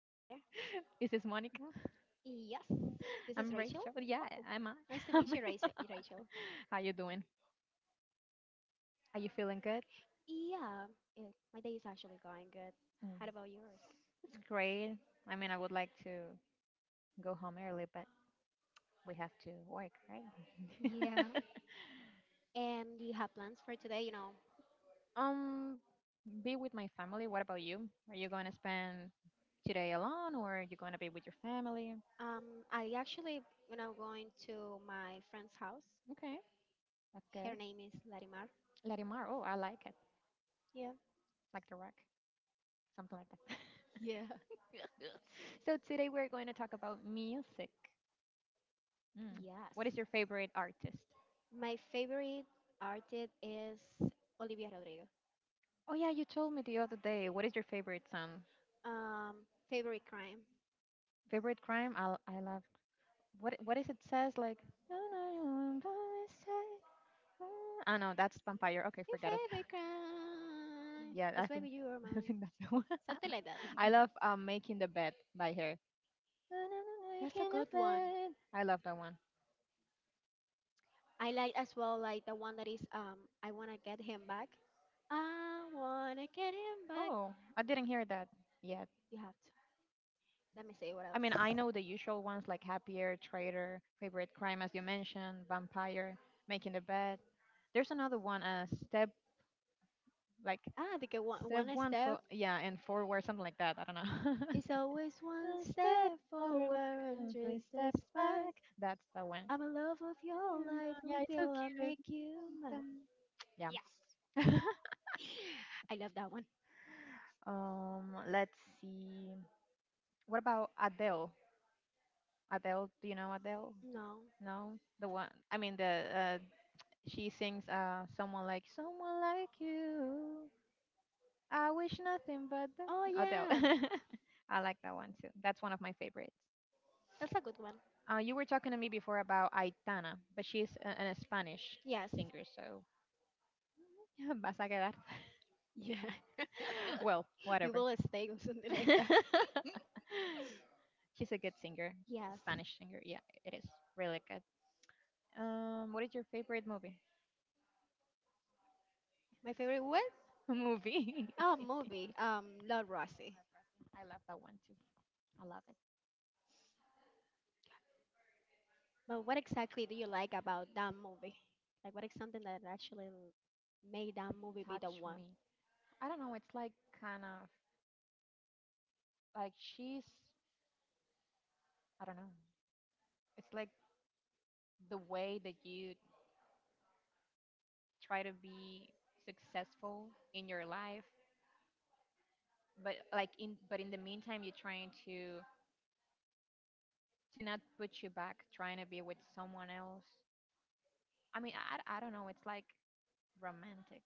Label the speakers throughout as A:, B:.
A: Hi.
B: is this Monica?
A: Yes, this is
B: I'm
A: Rachel.
B: Rachel. Yeah,
A: Oh,
B: I'm. I.
A: nice to
B: I'm
A: meet you,
B: I.
A: Rachel.
B: How you doing? Are you feeling good?
A: Yeah. It, my day is actually going good. How
B: Mm.
A: about yours?
B: It's great. I mean, I would like to go home early, but we have to work, right?
A: Yeah. And do you have plans for today?
B: um, be with my family. What about you? Are you going to spend today alone, or are you going to be with your family?
A: I actually, going to my friend's house.
B: Okay, that's
A: Her
B: good.
A: name is Larimar.
B: Larimar. Oh, I like it.
A: Yeah.
B: Like the rock, something like that.
A: Yeah.
B: So today we're going to talk about music. Mm. What is
A: Yes.
B: your favorite artist?
A: My favorite artist is Olivia Rodrigo.
B: Oh yeah, you told me the other day. What is your favorite song?
A: Um, favorite crime.
B: Favorite crime? I love. What is it says like? Oh no, that's vampire. Okay,
A: Your
B: forget it.
A: favorite crime.
B: Yeah,
A: Cause
B: I think
A: baby, you are
B: I
A: mine.
B: think that's the one.
A: Something like that.
B: I love making the bed by her.
A: That's a
B: Making the
A: good one.
B: bed. I love that one.
A: I like as well like the one that is I wanna get him back. I wanna get him back.
B: Oh, I didn't hear that yet.
A: You have to. Let me see what
B: I mean, I
A: else.
B: know the usual ones like Happier, Traitor, Favorite Crime, as you mentioned, Vampire, Making the Bed. There's another one, Step, like
A: Ah, because one
B: Step
A: one
B: One for
A: step
B: yeah, and Forward, something like that. I don't know.
A: is always one
B: One step
A: step forward
B: forward,
A: and
B: three
A: three
B: steps
A: steps back.
B: back. That's the one.
A: I'm in love with your
B: Mm,
A: life
B: yeah, it's so
A: until I
B: cute.
A: make you mad.
B: Um, Yeah.
A: Yeah. I love that one.
B: Let's see. What about Adele? Adele, do you know Adele?
A: No.
B: No, the one. I mean, the she sings someone like you. I wish nothing but the
A: Oh
B: Adele.
A: yeah,
B: I like that one too. That's one of my favorites.
A: that's a good one.
B: You were talking to me before about Aitana, but she's an Spanish
A: Yes.
B: singer, so vas a quedar.
A: Yeah.
B: well,
A: You
B: whatever.
A: will stay or something like that.
B: she's a good singer,
A: Yes.
B: Spanish singer. Yeah, it is really good. What is your favorite movie?
A: My favorite what?
B: movie.
A: Oh, movie. Love Rosie.
B: I love that one too. I love it.
A: But what exactly do you like about that movie? Like, what is something that actually made that
B: It
A: movie be the
B: touched
A: one?
B: me. I don't know. It's like kind of like she's. I don't know. It's like the way that you try to be successful in your life, but in the meantime, you're trying to not put you back, trying to be with someone else. I mean, I don't know. It's like romantic.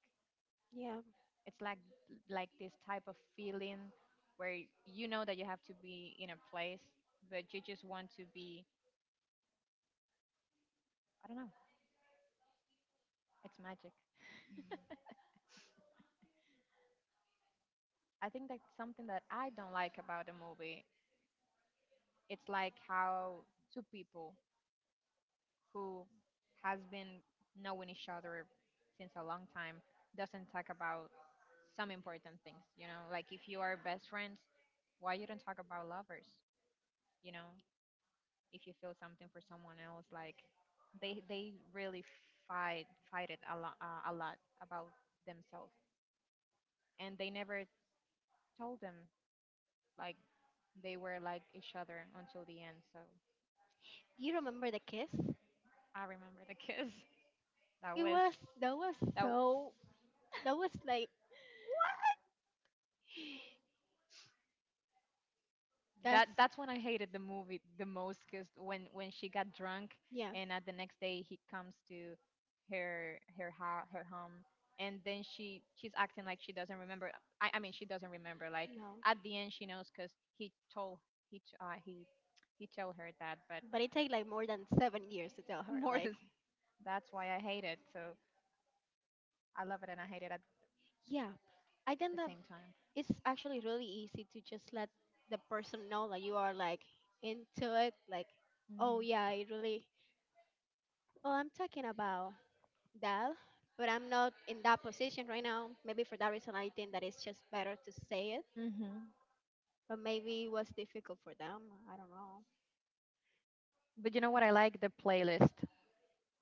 A: Yeah.
B: It's like this type of feeling where you know that you have to be in a place, but you just want to be. I don't know. It's magic. I think that's something that I don't like about the movie. It's like how two people who has been knowing each other since a long time doesn't talk about some important things, you know? Like if you are best friends, why you don't talk about lovers, you know? If you feel something for someone else, like they really fight fight it a lot about themselves, and they never told them like they were like each other until the end. So
A: Do you remember the kiss?
B: I remember the kiss. That
A: It
B: was
A: was that was
B: that was
A: so that was like that's
B: that that's when I hated the movie the most because when she got drunk
A: yeah
B: and at the next day he comes to her home and then she's acting like she doesn't remember. I mean she doesn't remember. Like
A: no,
B: at the end she knows because he told he he told her that. But
A: but it take like more than 7 years to tell her.
B: more
A: Like
B: than that's why I hate it. So I love it and I hate it at
A: yeah, I think
B: the
A: that
B: same time.
A: it's actually really easy to just let the person know that you are like into it. Like oh yeah,
B: Hmm
A: I really. Well, I'm talking about that, but I'm not in that position right now. Maybe for that reason, I think that it's just better to say it.
B: hmm
A: But maybe it was difficult for them. I don't know.
B: But you know what? I like the playlist.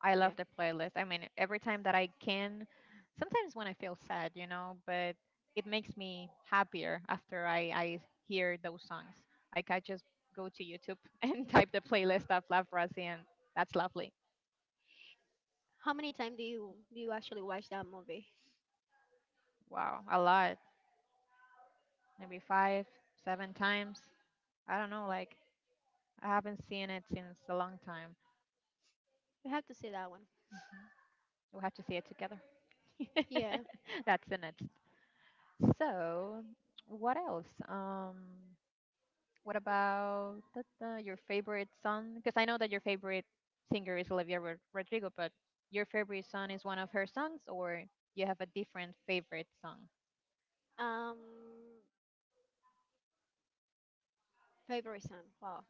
B: I love
A: Yeah.
B: the playlist. I mean, every time that I can, sometimes when I feel sad, you know, but it makes me happier after I hear those songs. Like I just go to YouTube and type the playlist of Love Rossi, and that's lovely.
A: How many times do you actually watch that movie?
B: Wow, a lot. Maybe five, seven times. I don't know. Like I haven't seen it since a long time.
A: You have to see that one.
B: We'll have to see it together.
A: Yeah.
B: that's the next. So, what else? What about your favorite song? Because I know that your favorite singer is Rodrigo, but your favorite song is one of her songs, or you have a different favorite song?
A: Um, favorite song. Wow.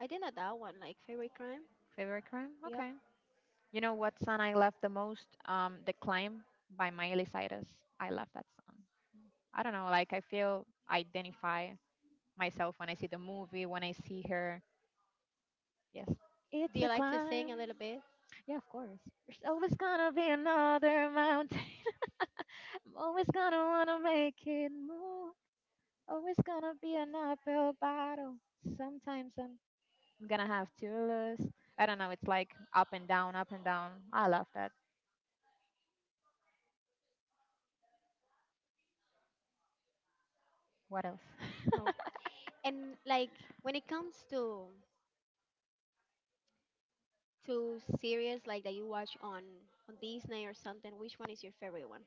A: I think not that one. Like favorite crime.
B: Favorite crime?
A: Yep.
B: Okay. You know what song I love the most? The Climb by Miley Cyrus. I love that song. I don't know, like I feel I identify myself when I see the movie, when I see her. Yes.
A: Do
B: It's
A: you
B: a
A: like to
B: climb.
A: sing a little bit?
B: Yeah, of course. There's always gonna be another mountain. I'm always gonna wanna make it move. Always gonna be an uphill battle. Sometimes I'm gonna have to lose. I don't know. It's like up and down, up and down. I love that. What else?
A: Oh. And like when it comes to series like that you watch on Disney or something, which one is your favorite one?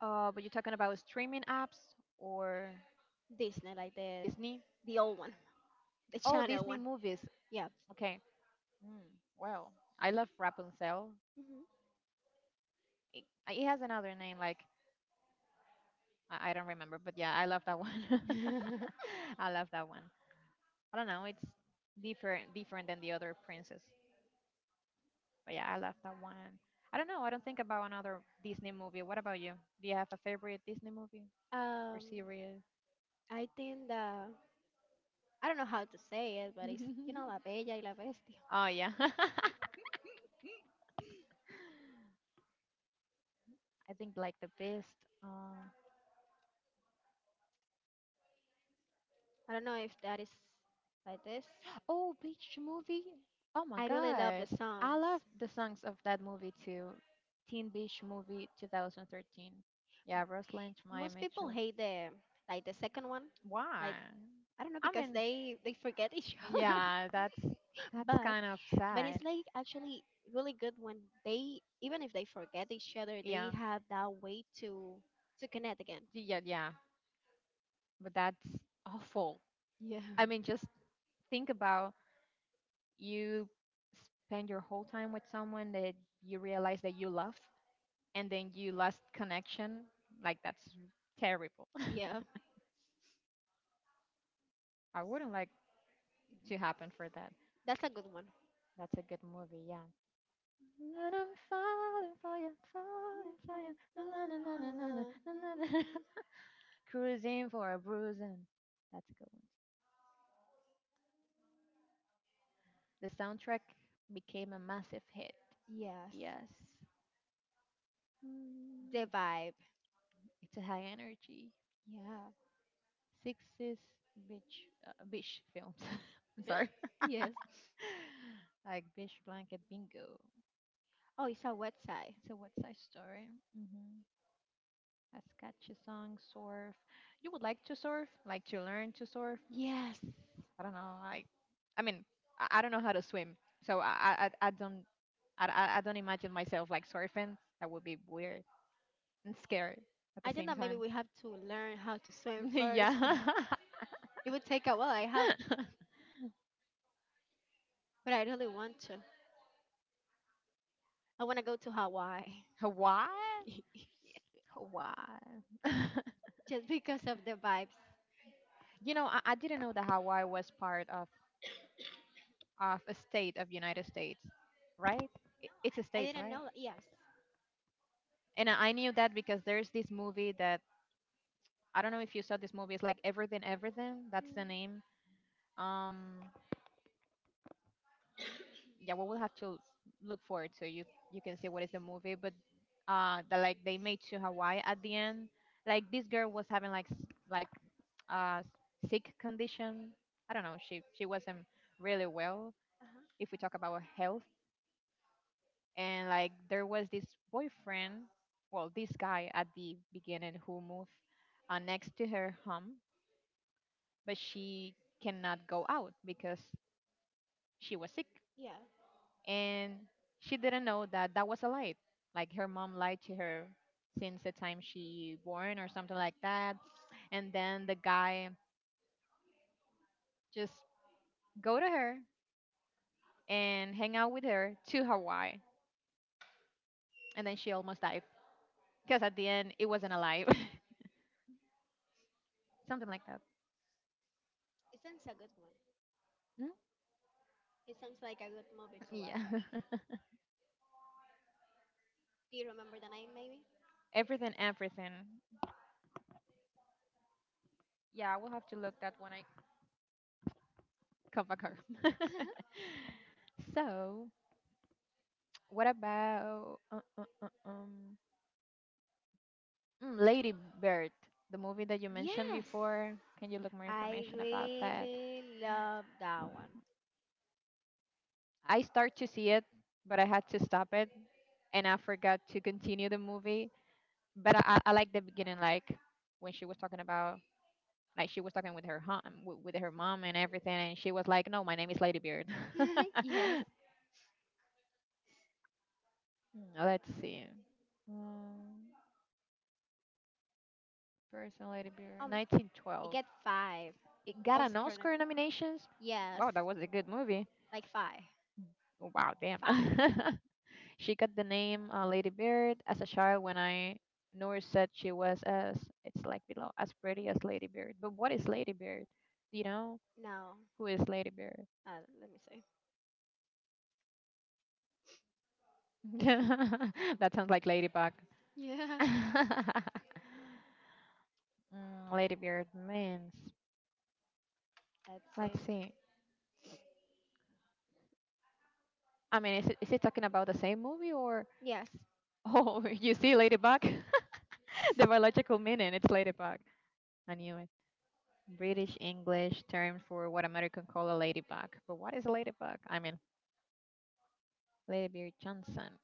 B: But you're talking about streaming apps or
A: Disney, like the
B: Disney?
A: old one, the
B: Oh,
A: channel
B: Disney
A: one.
B: movies.
A: Yeah.
B: Okay. Mm, well, I love Rapunzel. It, it has another name, like I don't remember, but yeah, I love that one.
A: Mhm.
B: I love that one. I don't know. It's different than the other princess. But yeah, I love that one. I don't know. I don't think about another Disney movie. What about you? Do you have a favorite Disney movie or
A: um,
B: series?
A: I think that I don't know how to say it, but it's you know La Bella y la Bestia.
B: Oh yeah. I think like the best. Uh,
A: I don't know if that is like this.
B: oh, beach movie. Oh my
A: I really love the
B: god. I love
A: songs.
B: the songs of that movie too. Teen Beach Movie 2013. Yeah, Rose Lynch, Maya
A: Most people
B: Mitchell.
A: hate the like the second one, like
B: Why?
A: I don't know
B: I
A: because
B: mean,
A: they forget each other.
B: yeah, that's
A: but
B: kind of
A: but it's
B: sad.
A: like actually really good when they even if they forget each other, they
B: Yeah.
A: have that way to connect again.
B: Yeah, yeah. But that's awful.
A: Yeah.
B: I mean, just think about you spend your whole time with someone that you realize that you love and then you lost connection. Like that's terrible.
A: Yeah,
B: I wouldn't like to happen for that.
A: that's a good one.
B: That's a good movie, yeah. And I'm falling for you, falling for you. Na, na, na, na, na, na, na, na, na. Cruising for a bruising. That's a good one. The soundtrack became a massive hit.
A: Yes,
B: Yes.
A: the
B: Mm,
A: vibe.
B: it's a high energy,
A: Yeah,
B: 60s beach beach films. I'm sorry,
A: yes.
B: like Beach Blanket Bingo.
A: Oh, it's a website.
B: It's a West Side Story. Mm-hmm. A sketchy song, surf. You would like to surf, like to learn to surf.
A: Yes.
B: I don't know. I mean, I don't know how to swim, so I don't, I don't imagine myself like surfing. That would be weird and scary at
A: I
B: the
A: think
B: same
A: that maybe
B: time.
A: we have to learn how to swim first.
B: yeah.
A: It would take a while. I have, but I really want to. I want to go to Hawaii
B: What? Why?
A: just because of the vibes.
B: you know, I didn't know that Hawaii was part of a state of United States, right? I- It's a
A: I
B: state,
A: didn't
B: right?
A: know. Yes.
B: And I knew that because there's this movie that I don't know if you saw this movie. It's like Everything, Everything. That's the
A: Mm,
B: name. Um, yeah, well, we'll have to look for it so you can see what is the movie. But the like they made to Hawaii at the end. Like this girl was having like like uh sick condition. I don't know. She wasn't really well
A: uh-huh.
B: if we talk about health and like there was this boyfriend well this guy at the beginning who moved next to her home but she cannot go out because she was sick
A: Yeah.
B: and she didn't know that that was a lie like her mom lied to her since the time she born or something like that and then the guy just go to her and hang out with her to hawaii and then she almost died because at the end it wasn't alive something like that
A: It sounds a good one.
B: Mm,
A: It sounds like a good movie to
B: yeah.
A: watch, actually. Do you remember the name, maybe?
B: everything, everything. Yeah, I will have to look that when I come back home. so, what about Lady Bird, the movie that you mentioned
A: Yes,
B: before? Can you look more
A: I
B: information about that?
A: really love that one.
B: I start to see it, but I had to stop it, and I forgot to continue the movie. But I like the beginning, like when she was talking about like she was talking with her mom and everything, and she was like, "No, my name is Ladybeard."
A: yes,
B: Mm, let's see, um, person Ladybeard,
A: um, it
B: 1912.
A: gets five
B: It got an
A: Oscar.
B: Oscar nominations.
A: Yes,
B: Wow, that was a good movie.
A: like five,
B: Wow, damn.
A: five.
B: she got the name Lady Bird as a child when I Nor said she was as it's like below as pretty as Lady Bird. But what is Lady Bird? You know
A: No,
B: who is Lady Bird?
A: uh, let me see.
B: that sounds like Ladybug.
A: Yeah,
B: mm, Lady Beard means.
A: let's
B: Let's
A: see.
B: see. I mean, is it talking about the same movie or?
A: Yes.
B: Oh, you see, Ladybug? the biological meaning, it's Ladybug. I knew it. British English term for what American call a ladybug. But what is a ladybug? I mean, Lady Beard Johnson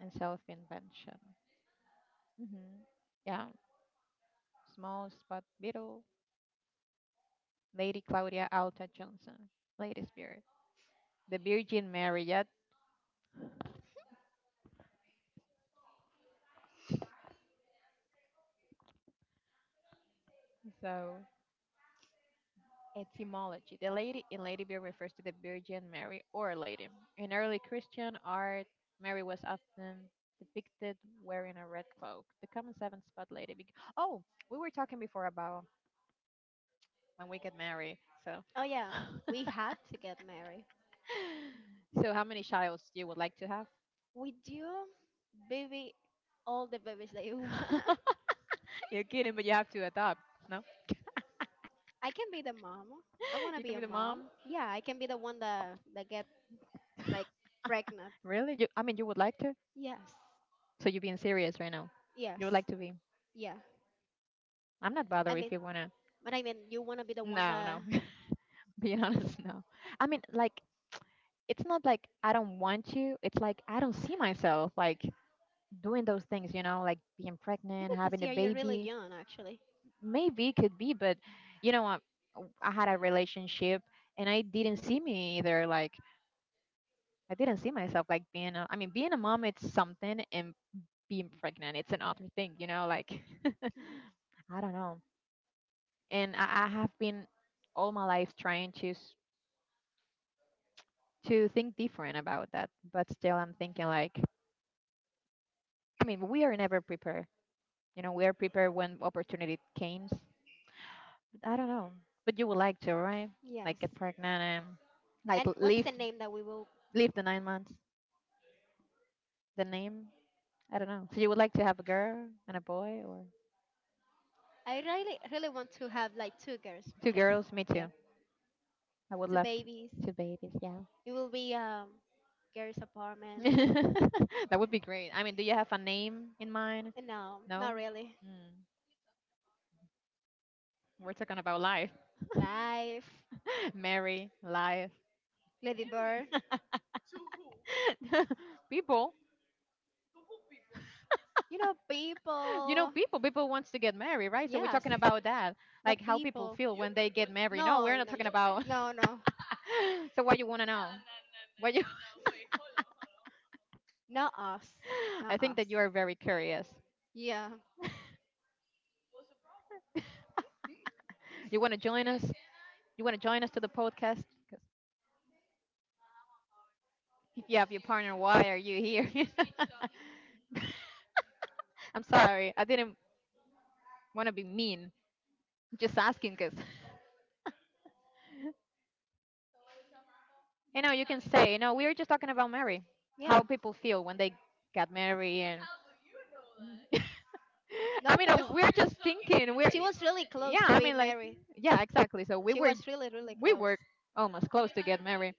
B: and self invention. Hmm Yeah, small spot beetle. Lady Claudia Alta Johnson, Lady Spirit. The Virgin Mary yet. So Etymology. The lady in Lady Bird refers to the Virgin Mary or Lady. In early Christian art, Mary was often depicted wearing a red cloak. The common seven spot lady. Oh, we were talking before about when we get married. So,
A: Oh yeah, we have to get married.
B: so how many childs you would like to have?
A: We do, baby, all the babies that you want.
B: You're kidding, but you have to adopt. No,
A: I can be the mom. I wanna
B: you can
A: be
B: be
A: a
B: the mom.
A: mom. Yeah, I can be the one that get like pregnant.
B: Really? You, you would like to?
A: Yes.
B: So you're being serious right now?
A: Yes.
B: You would like to be?
A: Yeah.
B: I'm not
A: I
B: bothered if
A: mean,
B: you wanna.
A: but I mean, you want to be the one
B: No,
A: that
B: no. Being honest, no. I mean, like it's not like I don't want you. It's like I don't see myself like doing those things, like being
A: maybe
B: pregnant,
A: because
B: having a
A: yeah, you're really
B: baby.
A: young actually.
B: Maybe it could be, but you know, I, I had a relationship and I didn't see me either. Like I didn't see myself like being a, I mean, being a mom, it's something, and being pregnant, it's another thing, I don't know. And I have been all my life trying to think different about that, but still I'm thinking like I mean, we are never prepared. You know, we are prepared when opportunity comes. I don't know, but you would like to, right?
A: Yes.
B: Like get pregnant and like
A: And what's
B: leave
A: the name that we will?
B: leave the 9 months. The name, I don't know. So you would like to have a girl and a boy, or
A: I really, really want to have like two girls,
B: two
A: just
B: girls? Me
A: yeah,
B: too. I would
A: two
B: love to,
A: babies.
B: two babies. Yeah,
A: It will be girls' apartment.
B: that would be great. I mean, do you have a name in mind?
A: And no,
B: No.
A: not really.
B: Mm. We're talking about life,
A: Life,
B: marry, life,
A: Lady Bird.
B: people.
A: You know,
B: You know,
A: people.
B: people wants to get married, right? So we're
A: Yes,
B: talking about that,
A: not
B: like how people
A: people.
B: feel when they get married. No,
A: No,
B: we're not
A: no, y-
B: talking about.
A: no, no,
B: So what you want to know, what you.
A: not us,
B: I
A: not
B: think
A: us.
B: that you are very curious.
A: Yeah,
B: you want to join us you want to join us to the podcast. 'Cause if you have your partner, why are you here? I'm sorry, I didn't want to be mean. I'm just asking because you can say, you know, we were just talking about marriage. How
A: yeah.
B: people feel when they got married, and I
A: No,
B: mean,
A: because
B: no, we're just thinking. We're,
A: she was really close
B: yeah,
A: to being married.
B: yeah, exactly. So
A: She was really, really
B: we
A: close.
B: were almost close to get married.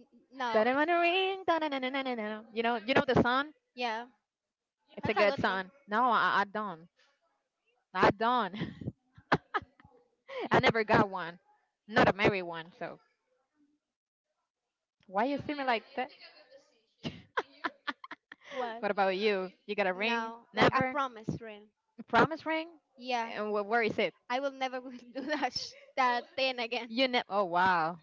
A: N- No,
B: Don't wanna ring, da-na-na-na-na-na-na. You know the song.
A: yeah,
B: It's a
A: that's a
B: good
A: good one.
B: song. No, I don't. I don't. I never got one. Not a married one. So why you see me like that? What
A: What?
B: about you? You got a ring?
A: No, like a
B: Never.
A: promise ring.
B: A promise ring?
A: Yeah,
B: And where is it?
A: I will never do that that thing again.
B: Oh, wow.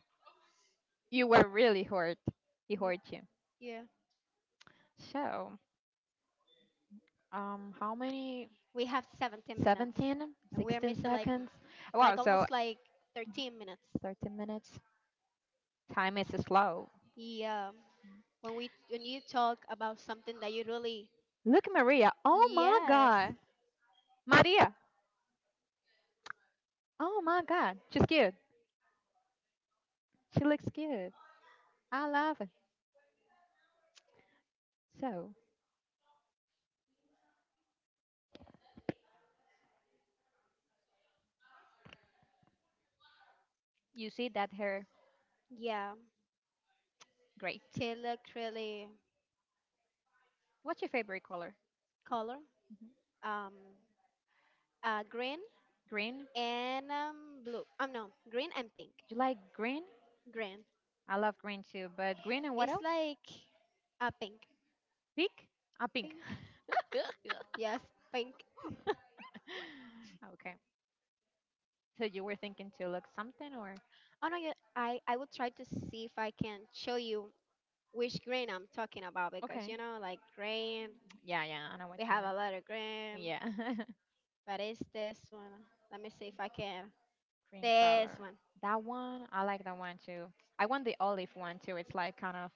B: You were really hurt. He
A: Y-
B: hurt you.
A: Yeah,
B: So, how many?
A: we have 17 minutes,
B: 17,
A: and we're
B: 16
A: missing like
B: seconds. Wow,
A: like
B: so
A: almost like 13 minutes.
B: 13 minutes. Time is slow.
A: Yeah, when we when you talk about something that you really
B: Look at Maria. Oh my
A: yes
B: God. Maria. Oh my God. She's cute. She looks cute. I love it. So, you see that hair?
A: yeah,
B: Great.
A: she looked really
B: What's your favorite color?
A: color
B: Mhm.
A: um green
B: Green? Do
A: and blue. No, green and pink.
B: you like green?
A: Green.
B: I love green too, but green and what
A: It's
B: else?
A: like a pink.
B: Pink? Ah, pink.
A: Pink? Yes, pink.
B: Okay. So you were thinking to look something, or?
A: Oh no, yeah, I will try to see if I can show you which grain I'm talking about because you
B: Okay.
A: know, like grain,
B: Yeah, yeah, I know what
A: we
B: you
A: have a lot of grain,
B: mean. Yeah.
A: but it's this one. Let me see if I can.
B: Green. Yes,
A: This
B: color.
A: one.
B: That one, I like that one too. I want the olive one too. It's like kind of,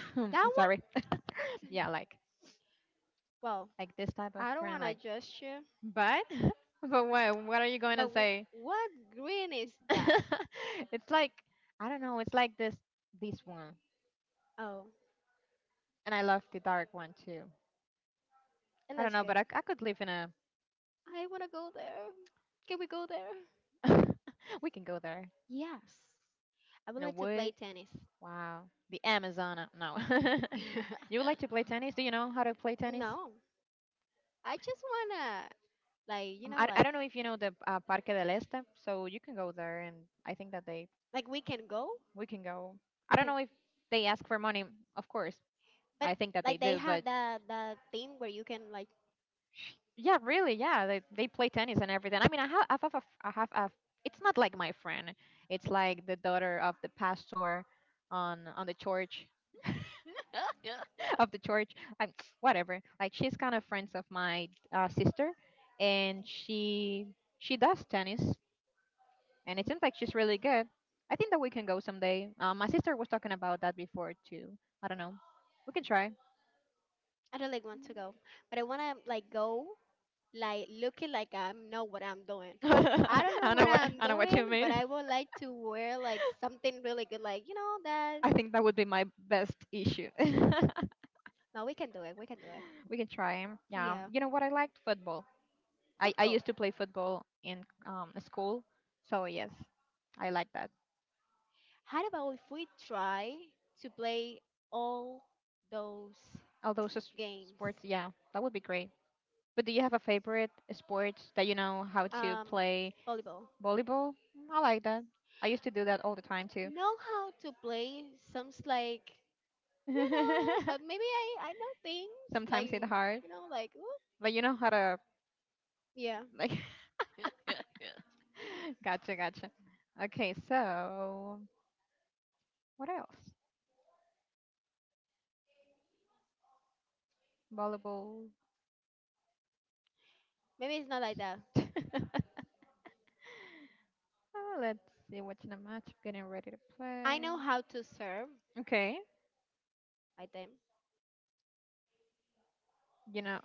A: That
B: I'm
A: one?
B: sorry. Yeah,
A: Well,
B: like this type of
A: I don't
B: green,
A: want to
B: like.
A: judge you,
B: But but what are you going
A: but
B: to say?
A: what green is that?
B: It's like I don't know. It's like this one,
A: Oh,
B: and I love the dark one too.
A: it
B: I don't
A: looks
B: know, but
A: good.
B: I could live in a.
A: I want to go there. Can we go there?
B: We can go there
A: Yes. I would
B: in a
A: like to play
B: wood.
A: tennis.
B: Wow, the Amazon. No. You would like to play tennis? Do you know how to play tennis?
A: No, I just wanna like you know
B: I don't know if you know the Parque del Este, so you can go there, and I think that they
A: like we can go
B: we can go. I
A: we
B: don't
A: can
B: know if they ask for money, of course.
A: but
B: I think that they
A: like they
B: do, but
A: have that thing where you can like
B: yeah, really, yeah, they play tennis and everything. I mean, I have a, I have a, it's not like my friend. It's like the daughter of the pastor on the church of the church. I'm whatever. Like she's kind of friends of my sister, and she does tennis, and it seems like she's really good. I think that we can go someday. My sister was talking about that before too. I don't know. We can try.
A: I don't like want to go but I wanna like go like looking like I know what I'm doing. I
B: I
A: don't know
B: don't know
A: what
B: what
A: I'm doing,
B: you
A: but
B: mean.
A: I would like to wear like something really good, like you know that.
B: I think that would be my best issue.
A: No, we can do it. We can do it.
B: We can try. 'Em. Yeah.
A: Yeah,
B: You know what? I liked football. I
A: football.
B: used to play football in school, so yes, I like that.
A: How about if we try to play all those
B: All those s-
A: games?
B: Sports, yeah, that would be great. But do you have a favorite sport that you know how to
A: Um,
B: play?
A: volleyball.
B: Volleyball? I like that. I used to do that all the time.
A: Know how to play sounds like you know but maybe i know things like
B: Sometimes it's hard,
A: you know like ooh,
B: but you know how to
A: yeah
B: like. Gotcha, gotcha. Okay, so what else? Volleyball.
A: maybe it's not like that
B: Let's see what's in the match. Getting ready to
A: I
B: play.
A: know how to serve
B: Okay,
A: I think
B: you know,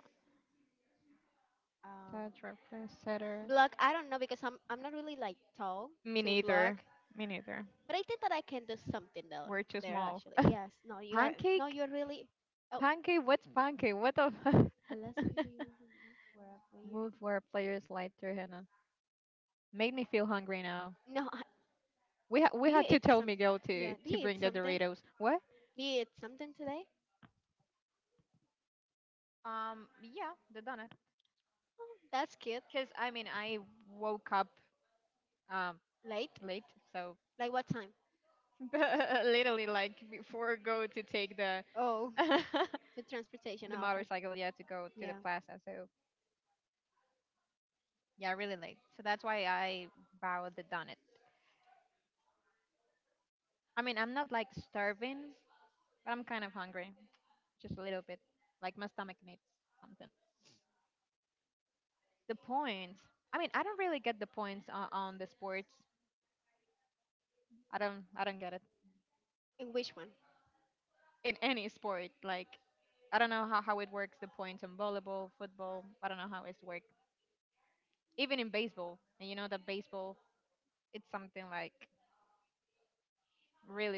A: um
B: touch or play setter.
A: block I don't know because i'm not really like tall
B: Me
A: to
B: neither.
A: block
B: Me neither.
A: but I think that I can do something though
B: We're too
A: there
B: small.
A: actually yes no you are no
B: Pancake?
A: you're really oh
B: Pancake? What's pancake? What the?
A: unless we can a player
B: Move where players slide through henna. Made me feel hungry now.
A: no
B: We
A: do you
B: had to
A: eat
B: tell
A: some
B: Miguel
A: yeah do
B: to
A: you eat
B: bring the
A: something
B: Doritos. What?
A: do you eat something today
B: Yeah, the donut.
A: oh, that's cute
B: Cause I mean, I woke up um
A: late.
B: late, so
A: Like what time?
B: literally like before go to take the
A: Oh, the transportation.
B: the
A: Oh, okay.
B: motorcycle, yeah, to go to the
A: Yeah.
B: plaza. So yeah, really late. So that's why I bought the donut. I mean, I'm not like starving, but I'm kind of hungry, just a little bit. Like my stomach needs something. The points. I mean, I don't really get the points on the sports. I don't get it
A: And which one?
B: in any sport. Like I don't know how it works the points in volleyball, football. I don't know how it's worked. Even in baseball, and you know that baseball it's something like really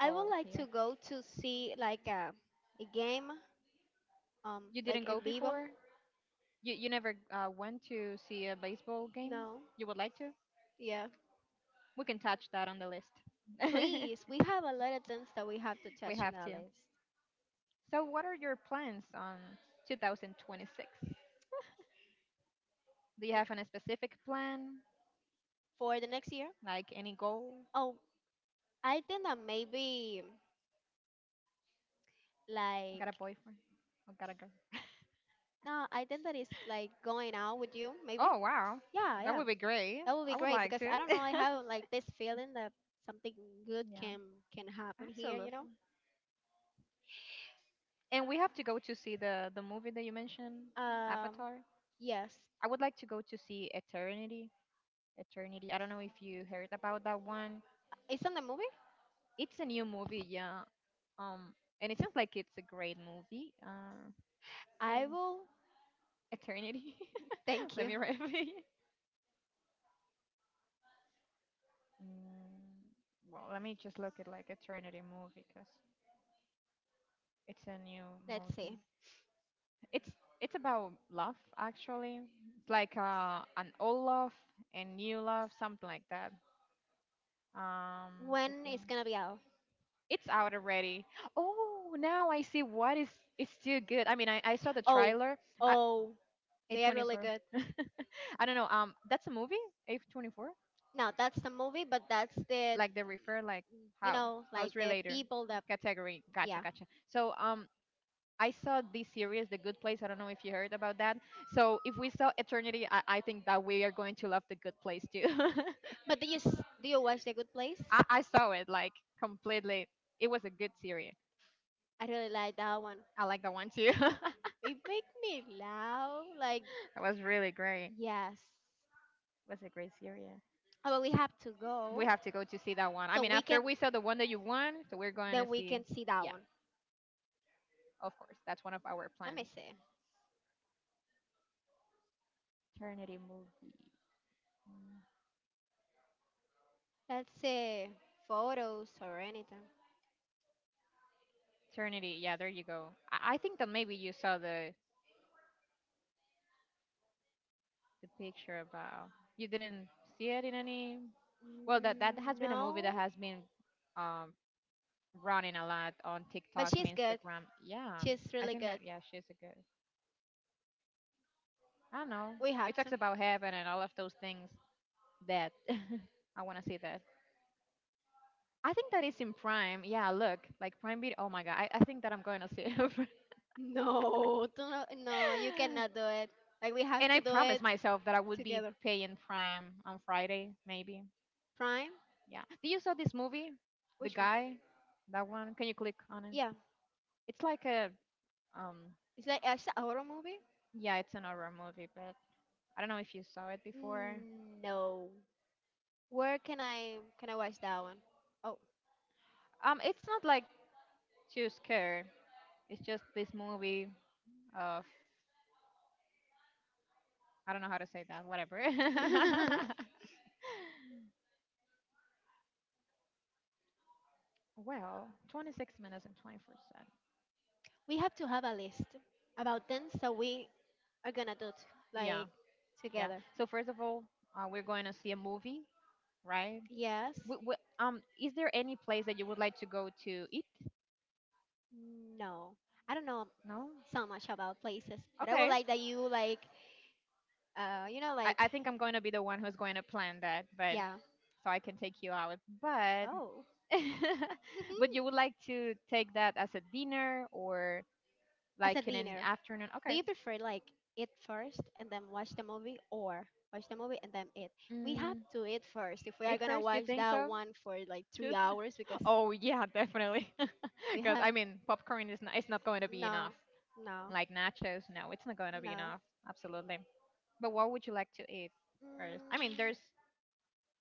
A: I would like
B: here.
A: to go to see like a game,
B: You didn't
A: like in
B: go
A: vivo.
B: before. You never went to see a baseball game.
A: No.
B: You would like to.
A: Yeah.
B: We can touch that on the list.
A: Please, we have a lot of things that we have to
B: We
A: touch on
B: have
A: our
B: to.
A: list
B: So what are your plans on 2026? Do you have any specific plan?
A: for the next year.
B: Like any goal?
A: Oh, I think that maybe like
B: Got a boyfriend? Or got a girl?
A: no, I think that is like going out with you. Maybe.
B: Oh, wow.
A: Yeah,
B: That
A: yeah.
B: would be great.
A: That would be
B: I would
A: great
B: like
A: because
B: to.
A: I don't know. I have like this feeling that something good
B: Yeah.
A: can happen here. You know.
B: Absolutely. And we have to go to see the movie that you mentioned,
A: Um,
B: Avatar.
A: yes.
B: I would like to go to see Eternity. Eternity. I don't know if you heard about that one.
A: It's on the movie?
B: It's a new movie, yeah. Um, and it seems like it's a great movie.
A: I will.
B: Eternity.
A: Thank
B: Let
A: you.
B: me write it. Mm, well, let me just look at like Eternity movie because it's a new
A: Let's see.
B: movie. It's it's about love actually. It's like an old love and new love, something like that. Um,
A: When it's gonna be out?
B: it's out already. Oh, now I see what is it's still good. I mean, I saw the
A: Oh,
B: trailer. I,
A: oh, they are really
B: A24.
A: good.
B: I don't know. That's a movie. A24.
A: Now that's the movie, but that's the,
B: Like they refer like
A: you
B: how
A: know, like
B: house
A: the
B: related
A: people that,
B: category. Gotcha,
A: yeah.
B: gotcha. So I saw this series, The Good Place. I don't know if you heard about that. So if we saw Eternity, I think that we are going to love The Good Place too.
A: But do you do you watch The Good Place?
B: I saw it like completely. It was a good series.
A: I really like that one.
B: I like that one too.
A: It make me laugh. Like
B: It was really great.
A: yes,
B: It was a great series.
A: but we have to
B: We
A: go
B: have to go to see that one. I
A: so
B: mean,
A: we can
B: after we saw the one that you won, so we're going
A: then
B: to
A: we
B: see.
A: can see that
B: Yeah,
A: one.
B: of course. That's one of our
A: Let me
B: plans.
A: see.
B: Eternity movie.
A: Let's say photos or anything.
B: Eternity. Yeah, there you go. I think that maybe you saw the picture about. You didn't see it in any. Well, that that
A: Mm,
B: has been a movie that
A: no,
B: has been um, running a lot on
A: but
B: TikTok and
A: she's good.
B: Instagram. Yeah,
A: She's
B: I
A: really
B: think
A: good.
B: that yeah, she's a good. I don't know.
A: We
B: It
A: have to.
B: talks about heaven and all of those things. That I want to see that. I think that is in Prime. Yeah, look, like Prime Video. Oh my god, I think that I'm going to see it.
A: No, don't, no, you cannot do it. Like we have
B: And I
A: to do
B: promised
A: it
B: myself that I would be
A: together.
B: paying Prime on Friday, maybe.
A: Prime?
B: Yeah. Did you saw this movie, The
A: Which one?
B: Guy? That one? Can you click on it?
A: Yeah,
B: It's like a um
A: it's like it's a horror movie.
B: Yeah, it's an horror movie, but I don't know if you saw it before.
A: Mm, no. Where can I watch that one? Oh,
B: It's not like too scary. It's just this movie of I don't know how to say that. Whatever. Well, 26 minutes and 24 seconds.
A: we have to have a list about things that we are gonna do
B: Yeah,
A: like
B: yeah.
A: together.
B: So first of all, we're going to see a movie, right?
A: Yes,
B: Is there any place that you would like to go to eat?
A: no, I don't know
B: No.
A: so much about places, but I would
B: Okay.
A: like that you like, you know,
B: I,
A: like,
B: I think I'm going to be the one who's going to plan that, but
A: yeah.
B: so I can take you out. But
A: Oh,
B: but you would like to take that as a dinner or
A: as
B: like
A: a
B: in an
A: dinner,
B: afternoon?
A: do
B: Okay.
A: you prefer like eat first and then watch the movie, or watch the movie and then eat? We have
B: Mm,
A: to eat first if we are
B: eat
A: gonna
B: first, you
A: watch
B: think
A: that
B: so?
A: one for like three
B: Just
A: hours because
B: oh yeah, definitely.
A: we
B: Because
A: have
B: I mean, popcorn is not, it's not going to be enough.
A: no, no,
B: Like nachos, no, it's not going to be
A: no.
B: enough. Absolutely. But what would you like to eat first?
A: Mm,
B: I mean, there's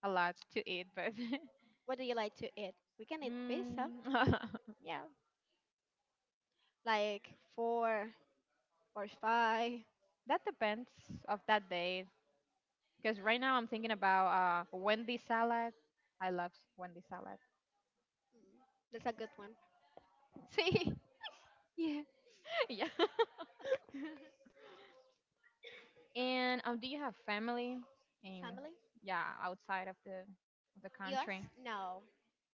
B: a lot to eat, but
A: what do you like to eat? We can eat pizza,
B: mm, yeah,
A: like four or five.
B: that depends of that day. Because right now I'm thinking about Wendy's salad. I love Wendy's salad.
A: Mm, that's a good one. See? Yeah.
B: Yeah. And do you have family in
A: Family?
B: yeah outside of the country?
A: US? No.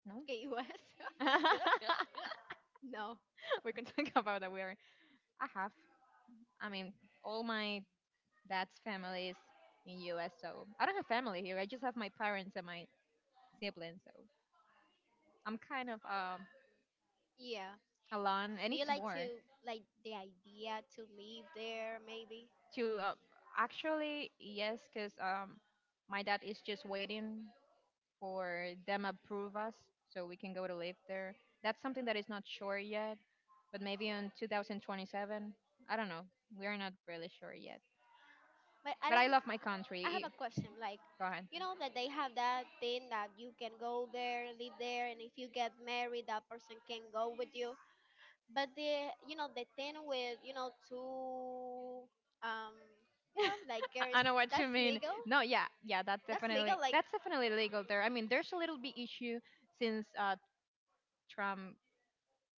B: No.
A: Okay, US? No.
B: We can talk about that. We are. I have, I mean, all my dad's family is in U.S. So I don't have family here. I just have my parents and my siblings. So I'm kind of
A: Yeah.
B: alone, and
A: Do you
B: it's
A: like
B: more
A: to like the idea to live there maybe?
B: to actually yes, because my dad is just waiting for them approve us so we can go to live there. That's something that is not sure yet, but maybe in 2027. I don't know. We are not really sure yet.
A: But I
B: But
A: don't.
B: I love my
A: I have
B: country.
A: a question like
B: Go ahead.
A: you know that they have that thing that you can go there, live there and if you get married that person can go with you. But the you know the thing with you know two um you know like girls
B: I know what you
A: that's
B: mean.
A: legal?
B: No, yeah, yeah,
A: That's legal like
B: that's definitely legal there. I mean, there's a little bit issue since Trump.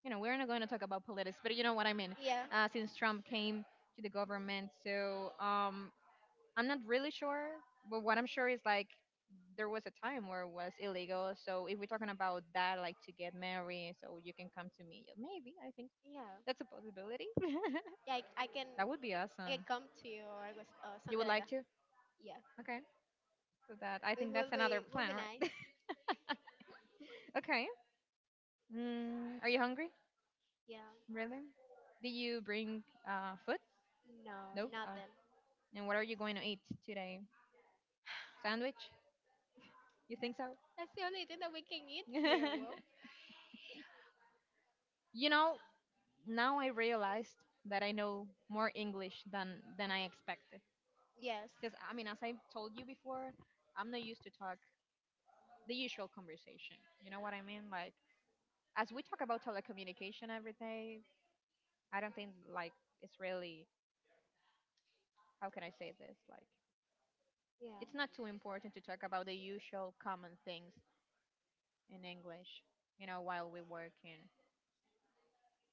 B: You know, we're not going to talk about politics, but you know what I mean.
A: yeah.
B: Since Trump came to the government, so I'm not really sure, but what I'm sure is like there was a time where it was illegal. So if we're talking about that, like to get married, so you can come to me, maybe I think
A: Yeah.
B: that's a possibility.
A: Yeah, I can
B: That would be
A: I can
B: awesome.
A: come to you or, or
B: You
A: something
B: would
A: like
B: like
A: that.
B: to?
A: Yeah,
B: Okay. So that I
A: it
B: think that's another
A: will
B: plan,
A: be
B: right?
A: nice.
B: Okay. Mm, are you hungry?
A: Yeah,
B: Really? Did you bring food?
A: no,
B: Nope. Oh.
A: nothing.
B: And what are you going to eat today? Sandwich? You think so?
A: That's the only thing that we can eat here. Well,
B: You know, now I realized that I know more English than I expected.
A: yes,
B: Because I mean, as I told you before, I'm not used to talk the usual conversation. You know what I mean? Like as we talk about telecommunication every day, I don't think like it's really how can I say this? Like it's not
A: yeah.
B: too important to talk about the usual common things in English. You know, while we work in.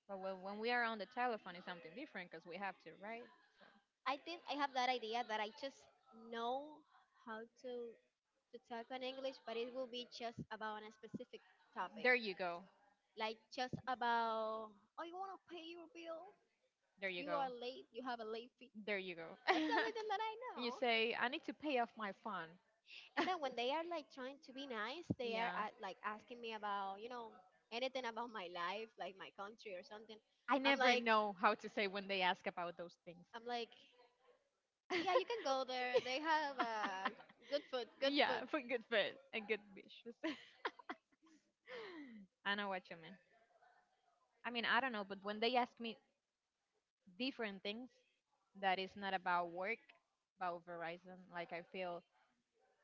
B: But when we are on the telephone, it's something different because we have to, right? So
A: I think I have that idea that I just know how to talk in English, but it will be just about a specific topic,
B: there you go.
A: like just about oh, you wanna pay your bill?
B: There you
A: You
B: go.
A: are late. You have a late fee.
B: There you go.
A: That's the only thing that I know.
B: You say, I need to pay off my phone.
A: And then when they are like trying to be nice, they are
B: Yeah.
A: like asking me about, anything about my life, like my country or something.
B: I
A: I'm
B: never
A: like,
B: know how to say when they ask about those things.
A: I'm like, yeah, you can go there. They have good food, good food.
B: Yeah, for good food and good wishes. I know what you mean. I mean, I don't know, but when they ask me different things that is not about work, about Verizon, like I feel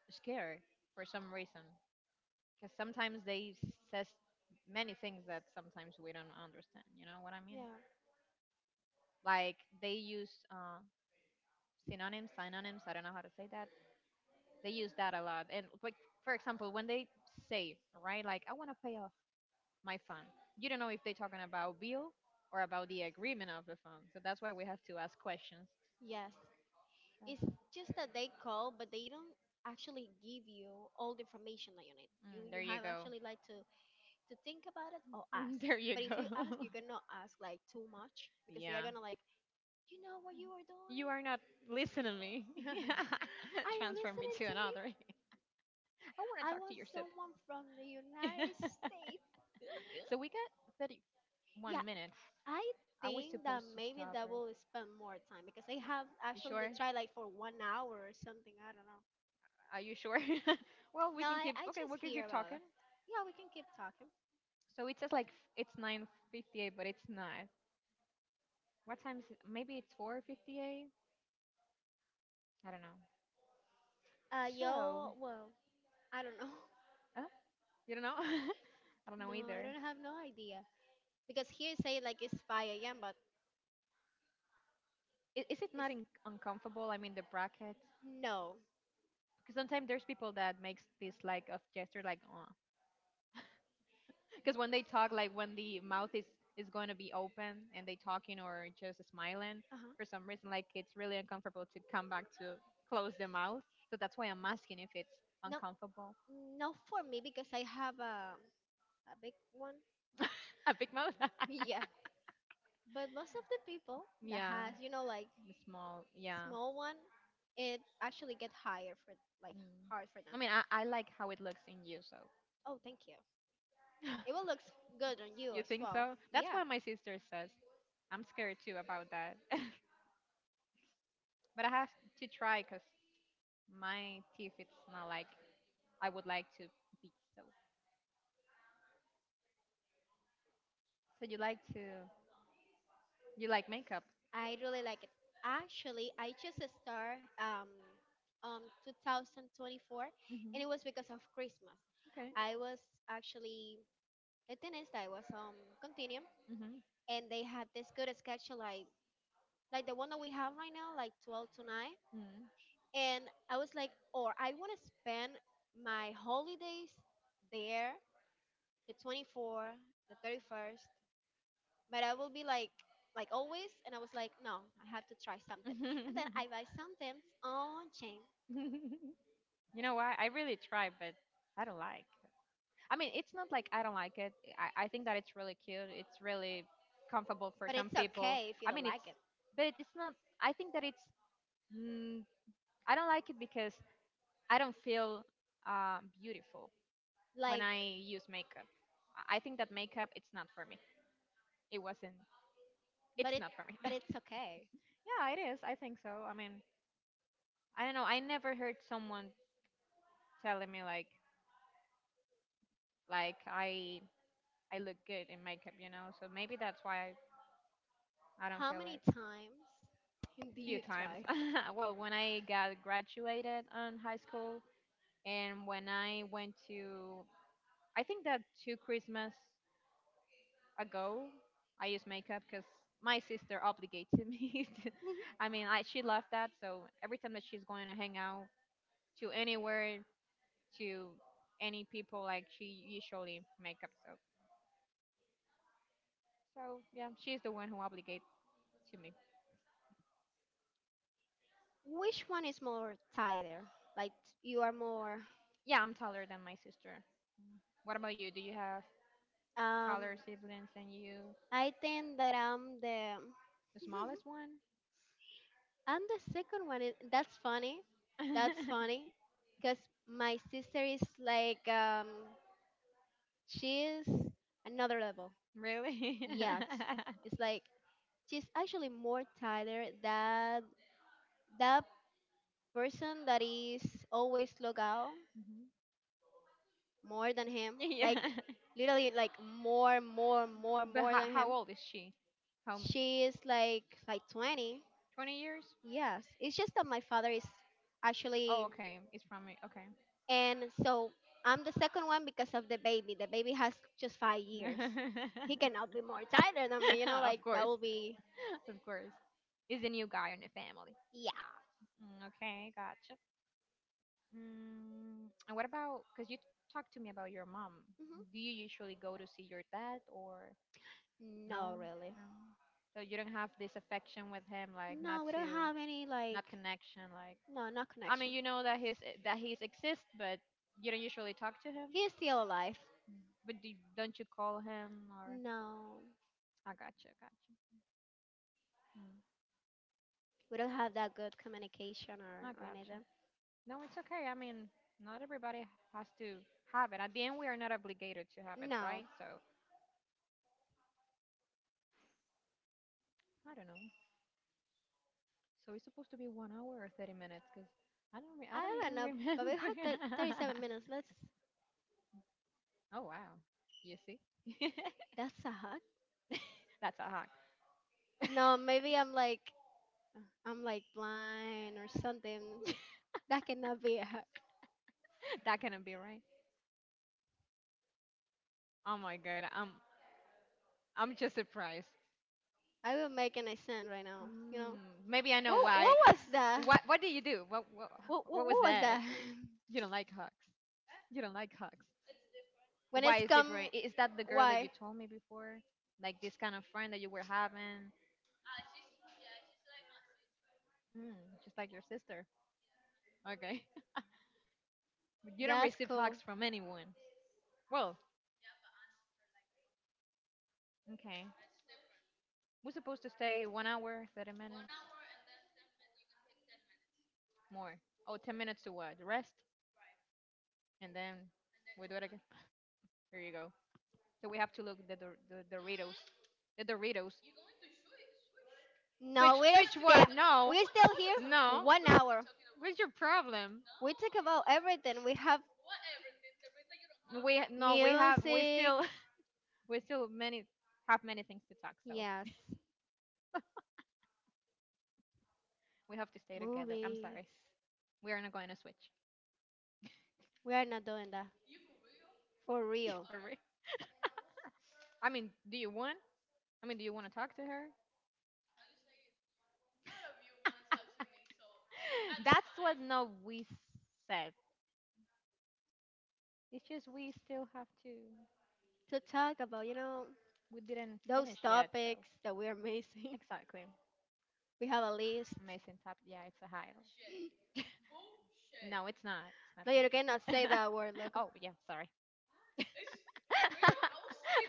B: scared for some reason. Because sometimes they says many things that sometimes we don't understand. You know what I mean?
A: Yeah.
B: Like they use synonyms, synonyms. I don't know how to say that. They use that a lot. And like for example, when they say right, like I want to pay off my phone, you don't know if they're talking about bill or about the agreement of the phone. So that's why we have to ask questions.
A: Yes. It's just that they call, but they don't actually give you all the information that you need. You
B: Mm, there
A: you
B: you
A: have
B: go.
A: actually like to think about it or ask.
B: There you
A: But if
B: go.
A: you ask, you cannot ask like too much because they are
B: Yeah.
A: gonna like, you know what you are doing.
B: You are not listening to me.
A: Are you
B: Transfer me
A: listening
B: to
A: to me?
B: another. I want to
A: I
B: talk to
A: want
B: your sip.
A: someone from the United States.
B: So we got 31
A: Yeah,
B: minutes.
A: I
B: I was
A: think that
B: supposed to
A: maybe
B: stop
A: that
B: her.
A: will spend more time because I have
B: You sure?
A: actually tried like for 1 hour or something. I don't know.
B: Are you sure? Well, we
A: No,
B: can
A: I,
B: keep.
A: I
B: Okay, we
A: just
B: can keep
A: hear about
B: talking.
A: it. Yeah, we can keep talking.
B: So it says like it's 9:58, but it's not. What time is it? Maybe it's 4:58. I don't know. So,
A: Yo, well, I don't know.
B: huh? You don't know? I don't know
A: No, I
B: either.
A: don't have no idea because here say like it's 5 a.m. but
B: Is it not
A: it's
B: uncomfortable? I mean, the brackets.
A: no.
B: Because sometimes there's people that makes this like of gesture, like oh, because when they talk, like when the mouth is going to be open and they talking or just smiling,
A: Uh huh.
B: for some reason, like it's really uncomfortable to come back to close the mouth. So that's why I'm asking if it's
A: No,
B: uncomfortable.
A: not for me because I have a big one.
B: A big mouth.
A: Yeah, but most of the people that
B: Yeah,
A: has like
B: the small. Yeah.
A: small one, it actually get higher for like
B: Mm.
A: hard for
B: I
A: them.
B: mean, I like how it looks in you. So
A: Oh, thank you. It will look good on
B: you
A: you as
B: think
A: well.
B: so? That's what
A: Yeah,
B: my sister says. I'm scared too about that. But I have to try because my teeth it's not like I would like to be so. So you like to you like makeup?
A: I really like it. Actually, I just started on 2024, and it
B: Hmm.
A: was because of Christmas.
B: Okay.
A: I was actually the thing is that I was continuum,
B: Hmm.
A: and they had this good schedule like the one that we have right now, like 12 to 9.
B: Mm.
A: And I was like, or I want to spend my holidays there the 24, the 31st. But I will be like always, and I was like, no, I have to try something. And then I buy something on chain,
B: You know what? I really try, but I don't like. I mean, it's not like I don't like it. I think that it's really cute. It's really comfortable for
A: but
B: some
A: it's
B: people.
A: okay if
B: I
A: you
B: mean,
A: don't
B: it's
A: like it.
B: but it's not. I think that it's. Mm, I don't like it because I don't feel beautiful when
A: Like,
B: I use makeup. I think that makeup it's not for me. It wasn't.
A: but
B: It's
A: it,
B: not for me. Yeah,
A: but it's okay.
B: it is. I think so. I mean, I don't know. I never heard someone telling me like like I look good in makeup, you know. So maybe that's why I don't
A: How
B: feel
A: many
B: like
A: times do you
B: few times.
A: try?
B: Well, when I got graduated on high school and when I went to I think that two Christmas ago, I used makeup because my sister obligated me. To, I mean, I, she loved that. So every time that she's going to hang out to anywhere to any people, like she usually makeup. So so yeah, she's the one who obligated to me.
A: Which one is more tighter? Like you are more.
B: Yeah, I'm taller than my sister. Mm. What about you? Do you have
A: Um,
B: taller siblings than you?
A: I think that I'm the.
B: The smallest one?
A: And the second one is that's funny. That's funny because my sister is like she's another level.
B: Really?
A: Yes. It's like she's actually more tighter than that person that is always logged out
B: Mhm.
A: more than him. Like
B: Yeah.
A: literally like more more more
B: But
A: more
B: how,
A: than him.
B: how old is she? How?
A: She is like 20.
B: 20 years?
A: Yes. It's just that my father is
B: Oh,
A: actually.
B: okay. It's from me. Okay.
A: And so I'm the second one because of the baby. The baby has just 5 years. He cannot be more tired than me, like
B: Of
A: that
B: course,
A: will be,
B: of course. Is the new guy in the family.
A: yeah.
B: Mm, okay, gotcha. Mm, and what about, because you talked to me about your mom. Do you usually go to see your dad or
A: Hmm. No,
B: no?
A: really.
B: No. So you don't have this affection with him, like
A: No,
B: not
A: we don't
B: to,
A: have any, like,
B: not connection, like.
A: no, not
B: I
A: connection.
B: mean, you know that he's exists, but you don't usually talk to him.
A: He is still alive.
B: But do, don't you call him or?
A: No,
B: I gotcha, gotcha. Mm,
A: we don't have that good communication or,
B: I
A: or
B: gotcha.
A: anything.
B: No, it's okay. I mean, not everybody has to have it. At the end, we are not obligated to have it,
A: No,
B: right? So I don't know. So it's supposed to be 1 hour or 30 minutes because I don't
A: I don't
B: even
A: know, but we
B: remember.
A: have 37 minutes. Let's,
B: Oh wow, you see,
A: that's a hug.
B: that's a hack.
A: No, maybe I'm like blind or something. That cannot be it.
B: That cannot be right. Oh my god, I'm just surprised.
A: I will make an accent right now. You know,
B: Mm, maybe I know
A: what
B: why.
A: was that?
B: What do you do? What
A: What what,
B: what was
A: what was
B: that?
A: that?
B: You don't like hugs. You don't like hugs.
A: When
B: Why
A: it's
B: is
A: come,
B: different? Is that the girl that
A: why?
B: you told me before? Like this kind of friend that you were having? Mm, just like your sister. Okay. You don't
A: That's
B: receive
A: cool.
B: hugs from anyone. Well, okay. We're supposed to stay 1 hour, 30 minutes, more. Oh, 10 minutes to what? Rest? And then we do it again. Here you go. So we have to look the the Doritos. The Doritos.
A: No,
B: Switch, switch what? No.
A: we're still here for
B: No.
A: 1 hour.
B: What's your problem?
A: We talk about everything. We have
B: We no, we have we
A: music.
B: still we still many have many things to talk, so
A: Yes,
B: we have to stay together. I'm
A: movies.
B: sorry. We are not going to switch.
A: We are not doing that for real.
B: For real. I mean, do you want? I mean, do you want to talk to her? That's what no we said. It's just we still have to
A: To talk about,
B: we didn't
A: those
B: finish yet. So
A: topics that we are missing.
B: exactly,
A: We have a list.
B: amazing top. Yeah, it's a highlight. No, it's not. It's not
A: No, you cannot say
B: bullshit.
A: that word, look.
B: Oh yeah, sorry.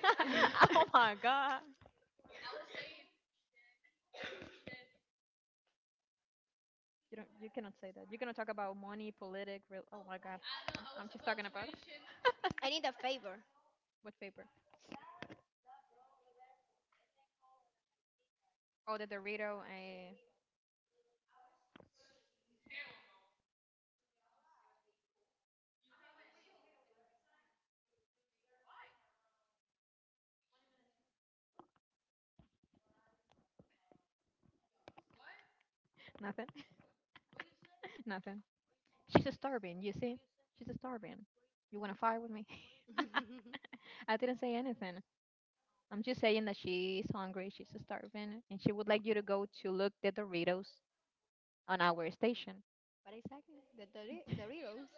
B: Oh my god. You don't. You cannot say that. You're gonna talk about money, politic. Real, oh my god. I'm just talking about
A: I need a favor.
B: what paper. Oh, the Dorito. I nothing. Nothing. She's a starving. You see, she's a starving. You wanna fight with me? I didn't say anything. I'm just saying that she's hungry, she's starving, and she would like you to go to look the Doritos on our station.
A: But exactly, the Doritos.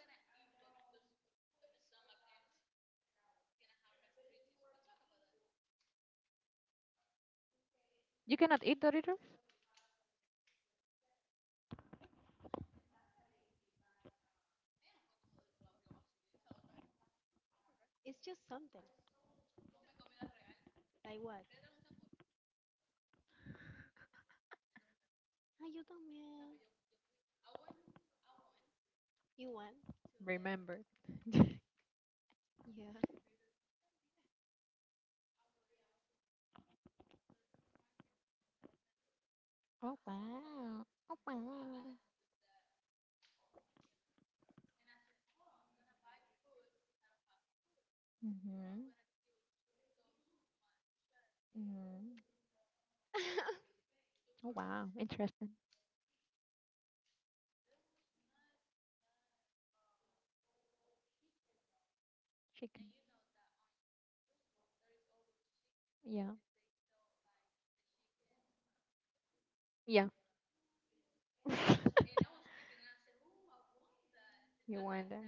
B: You cannot eat Doritos?
A: It's just something. Like what? Ah, you don't mean you want?
B: Remember.
A: Yeah.
B: Oh, wow. Oh, wow. Mm-hmm. Hmm. Oh, wow. Interesting. Chicken. Yeah. Yeah. You want that.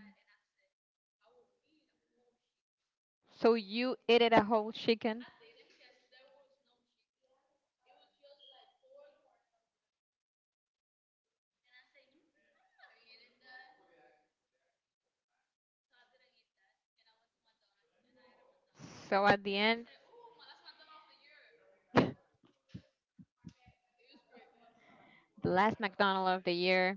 B: So you ate it a whole chicken. So at the end, the last McDonald's of the year.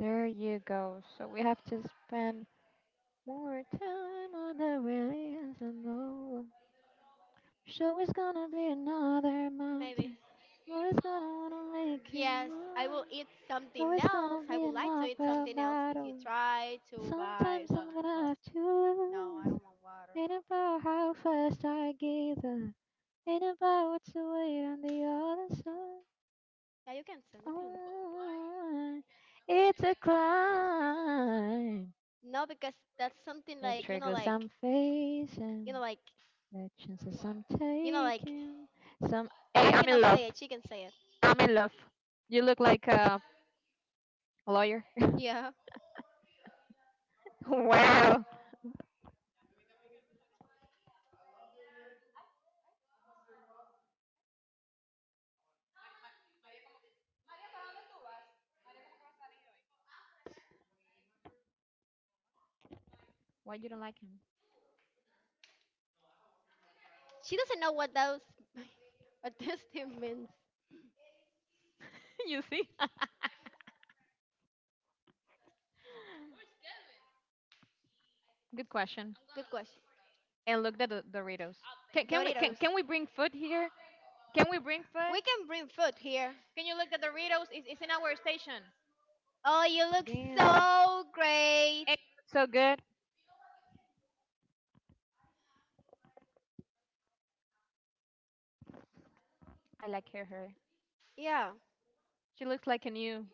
B: There you go. So we have to spend more time on the release and all. So it's gonna be another
A: Maybe.
B: mountain. Oh, it's gonna wanna make it
A: Yes, I will
B: move.
A: eat something
B: Oh, it's
A: else.
B: gonna
A: I
B: be
A: would
B: an
A: like to eat
B: uphill
A: something else if you
B: battle.
A: try to buy
B: Sometimes I'm
A: something for
B: gonna
A: us.
B: have
A: No,
B: to
A: I
B: lose.
A: don't want water.
B: Ain't about how fast I gather. Ain't about what's to on the other side.
A: Yeah, you can send, you can.
B: Oh, it's a climb.
A: No, because that's something
B: There's
A: like,
B: triggers
A: like,
B: I'm facing.
A: like,
B: There are chances I'm
A: like,
B: taking. Some. Hey,
A: I
B: I'm in
A: cannot
B: love.
A: say it. She can say it.
B: I'm in love. You look like a lawyer.
A: Yeah.
B: Wow. Why you don't like him?
A: She doesn't know what those, what this thing means.
B: You see? Good question.
A: Good question.
B: And look at the Doritos. Can, can we can,
A: Doritos.
B: can we bring food here? Can we bring food?
A: We can bring food here.
B: Can you look at the Doritos? It's in our station.
A: Oh, you look
B: Damn.
A: so great.
B: Hey, so good. I like her. Her.
A: Yeah.
B: She looks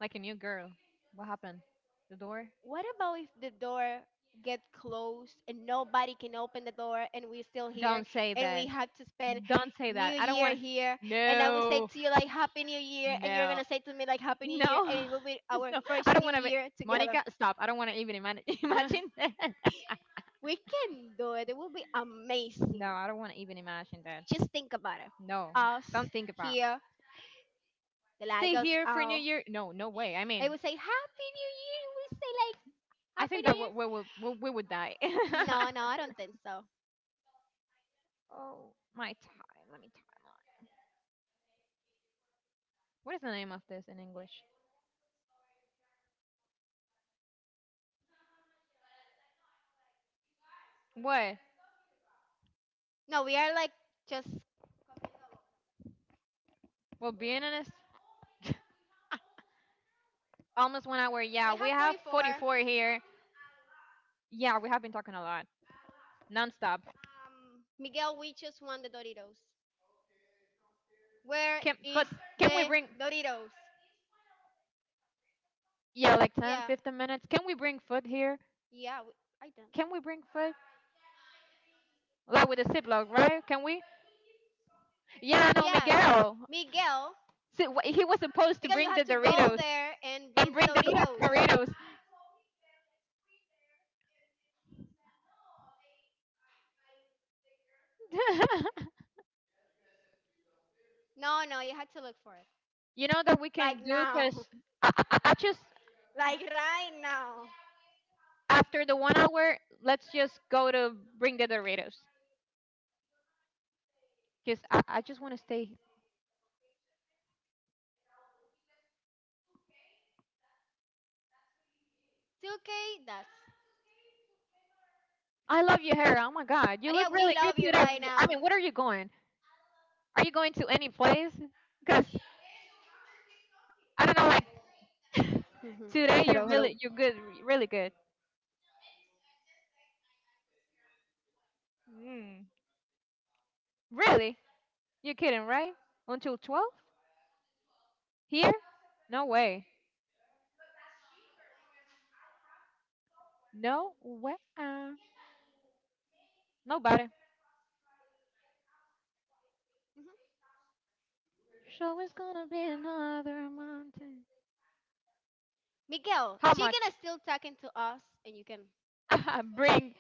B: like a new girl. What happened? The door?
A: What about if the door gets closed and nobody can open the door and we're still here
B: Don't say
A: and we
B: that.
A: have to spend
B: Don't say that.
A: New
B: I don't
A: Year
B: want.
A: here, and I will say
B: No.
A: to you like Happy New Year and you're
B: No.
A: gonna say to me like Happy New Year,
B: No,
A: and it will be our
B: no, I
A: first
B: don't
A: New
B: want to.
A: Year together.
B: Monica, stop! I don't want to even imagine that.
A: We can do it. It will be
B: No,
A: amazing.
B: I don't want to even imagine that.
A: Just think about it.
B: No,
A: Us
B: don't think about.
A: here, the light
B: Stay
A: goes
B: here for New
A: out.
B: Year? No, no way. I
A: They
B: mean,
A: will say Happy New Year. We say like
B: I
A: Happy
B: think
A: New
B: that we
A: Year?
B: we will we, we would die.
A: No, no, I don't think so.
B: Oh, my time. Let me time on. What is the name of this in English? What?
A: No, we are like just we
B: Well, being honest, almost 1 hour. Yeah, we
A: have
B: have
A: 44.
B: 44 here. Yeah, we have been talking a lot, nonstop.
A: Miguel, we just won the Doritos. Where
B: Can
A: is
B: but can we
A: the
B: bring
A: Doritos?
B: yeah, like 10,
A: Yeah,
B: 15 minutes. Can we bring food here?
A: yeah, we, I don't.
B: Can we bring food? Like with a Ziploc, right? Can we? Yeah, no,
A: Yes,
B: Miguel.
A: Miguel,
B: See, he was supposed to
A: Miguel, you
B: bring
A: have
B: the
A: to go
B: Doritos
A: there and
B: and
A: bring the
B: bring the
A: Doritos.
B: Doritos.
A: No, no, you have to look for it.
B: You know that we can
A: Like
B: do
A: now,
B: because I just,
A: like right now.
B: after the 1 hour, let's just go to bring the Doritos because I just want to stay.
A: 2K, that's
B: I love your hair. Oh my God. You look
A: Maria. We
B: really good
A: love you
B: today.
A: right
B: I
A: now.
B: mean, what are you going? Are you going to any place? Because I don't know, like today
A: Hello, hello.
B: you're good, really good. Mm. Really? You're kidding, right? Until 12? Here? No way. No way. Nobody.
A: Mhm.
B: So it's gonna be another mountain.
A: Miguel,
B: How
A: chicken
B: much?
A: is still talking to us, and you can.
B: Bring.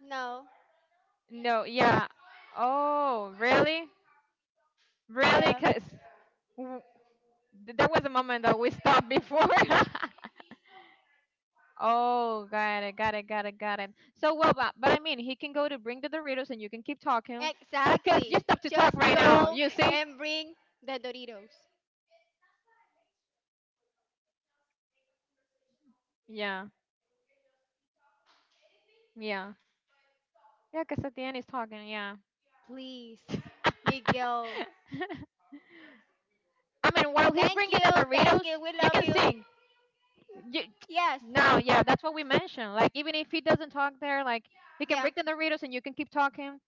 A: No.
B: No, yeah. Oh, really? Really?
A: Yeah.
B: Because that was a moment that we stopped before. Oh, got it, got it, got it, got it. So well, but I mean, he can go to bring the Doritos, and you can keep talking. Cause you
A: Exactly.
B: stop to
A: Just
B: talk right now.
A: go
B: You see?
A: and bring the Doritos.
B: Yeah, yeah, yeah. Cause at the end he's talking. Yeah.
A: Please. Miguel.
B: I mean, while he's
A: Thank
B: bringing the
A: you. Thank
B: Doritos,
A: you. We
B: you
A: love
B: can
A: you.
B: sing. You,
A: Yes.
B: no, yeah, that's what we mentioned. Like, even if he doesn't talk there, like, he can
A: Yeah.
B: bring the Doritos and you can keep talking.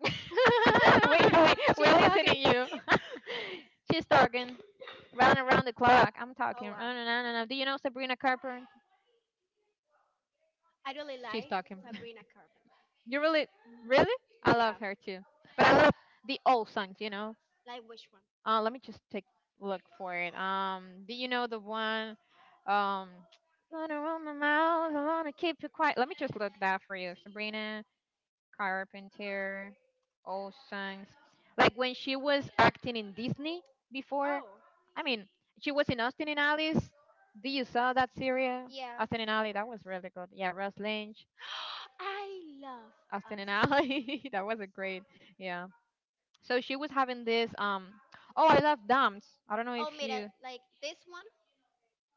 B: we,
A: She's
B: we're listening
A: talking.
B: to you. She's talking. Round and round the clock. I'm talking.
A: Oh, wow.
B: No, no, no, no. Do you know Sabrina Carpenter?
A: I really
B: She's
A: like
B: talking.
A: Sabrina Carpenter.
B: You really, really? I
A: Yeah.
B: love her too. But I love the old songs. You know.
A: Like which one?
B: Let me just take a look for it. Do you know the one? Um, Gonna run my mouth. I wanna keep you quiet. Let me just look that for you, Sabrina Carpenter, all songs. Like when she was acting in Disney before.
A: Oh.
B: I mean, she was in Austin and Alice. Did you saw that series?
A: Yeah.
B: Austin and Alice, that was really good. Yeah, Russ Lynch,
A: I love
B: Austin and Alice.
A: Austin.
B: That was a great. Yeah. So she was having this. Oh, I love Dams. I don't know
A: Oh,
B: if
A: mira.
B: you
A: Like this one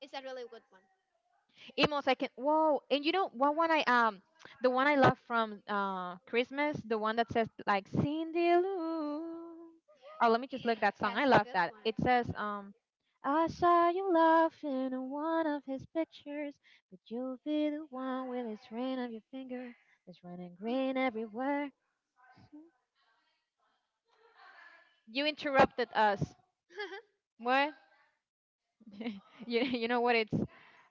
A: is a really good one.
B: Emos, I can. Whoa! And you know what one I the one I love from Christmas, the one that says like Cindy Lou. Oh, let me just look that song.
A: That's
B: I
A: a
B: love
A: good
B: that.
A: one.
B: It says I saw you laughing in one of his pictures, but you'll be the one with his ring on your finger. That's right. You interrupted us. What? You know what? It's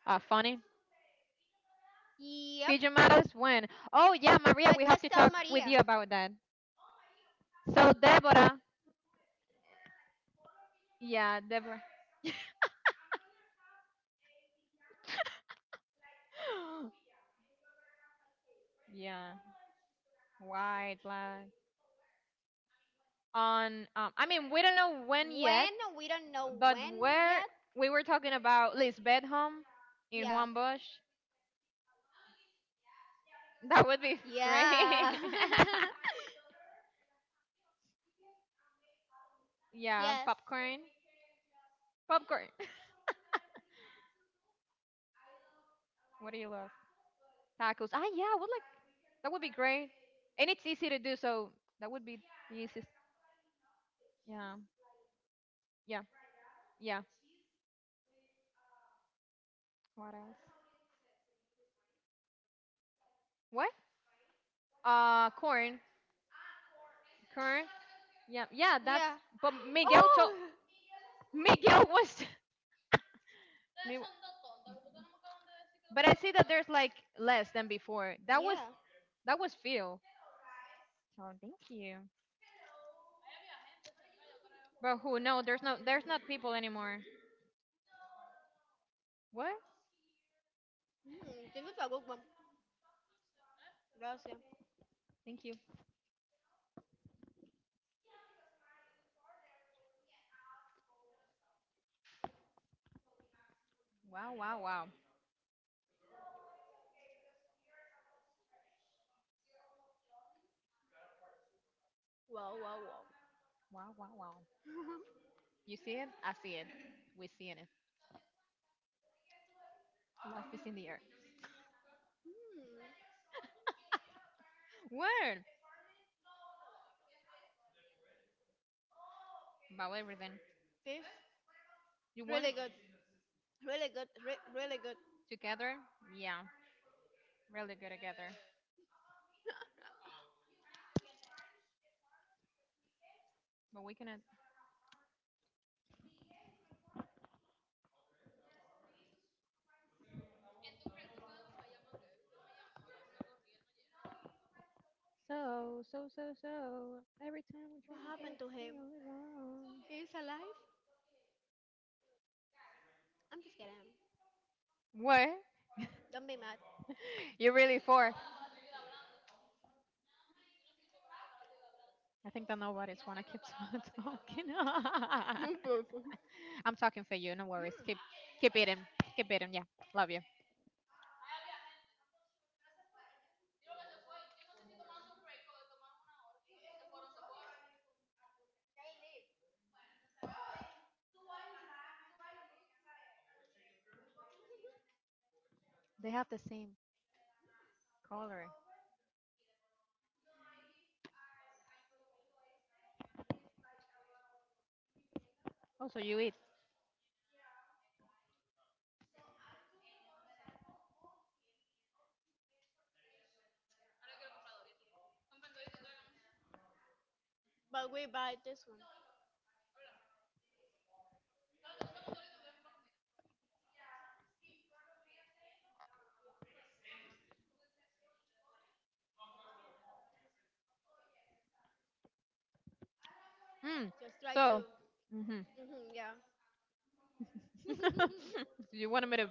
B: funny.
A: Yep,
B: Pigeon Matters when? Oh yeah, Maria,
A: but
B: we have
A: just
B: to
A: tell
B: talk with
A: Maria.
B: you about that. So Deborah, yeah, Deborah. Yeah, white, black. On, I mean, we don't know when yet,
A: When? We don't know
B: but
A: when
B: where
A: yet.
B: we were talking about Lisbeth home in
A: Yeah.
B: Juan Bosch, that would be great.
A: Yeah.
B: Yeah,
A: Yes.
B: popcorn, popcorn. What do you love? Tacos. Ah, yeah, I would like. That would be great, and it's easy to do. So that would be the easiest. Yeah, yeah, yeah. What else? What? Corn, corn. Yeah, yeah. That's.
A: Yeah.
B: But Miguel told
A: Oh,
B: Miguel was. No. But I see that there's like less than before.
A: yeah.
B: That was Phil. So thank you. But who? No, there's not people anymore. What?
A: Hmm, this is a good one. Gracias.
B: Thank you. Wow, wow, wow, wow, wow, wow. You see it? I see it. We seeing it. Life is in the air.
A: Hmm,
B: Word about everything.
A: this
B: You want
A: really
B: it?
A: good. Really good. Really good.
B: Together? Yeah, really good together. But we cannot.
A: What happened to him? He's alive? I'm just kidding.
B: What?
A: Don't be mad.
B: You're really for? I think that nobody's wanna keep talking.
A: One person.
B: I'm talking for you. No worries.
A: Hmm.
B: Keep eating. Keep eating. Yeah, love you. They have the same color. Oh, so you eat.
A: But we buy this one.
B: Mm.
A: Just try
B: So,
A: to.
B: hmm
A: Hmm, yeah.
B: you wanted me to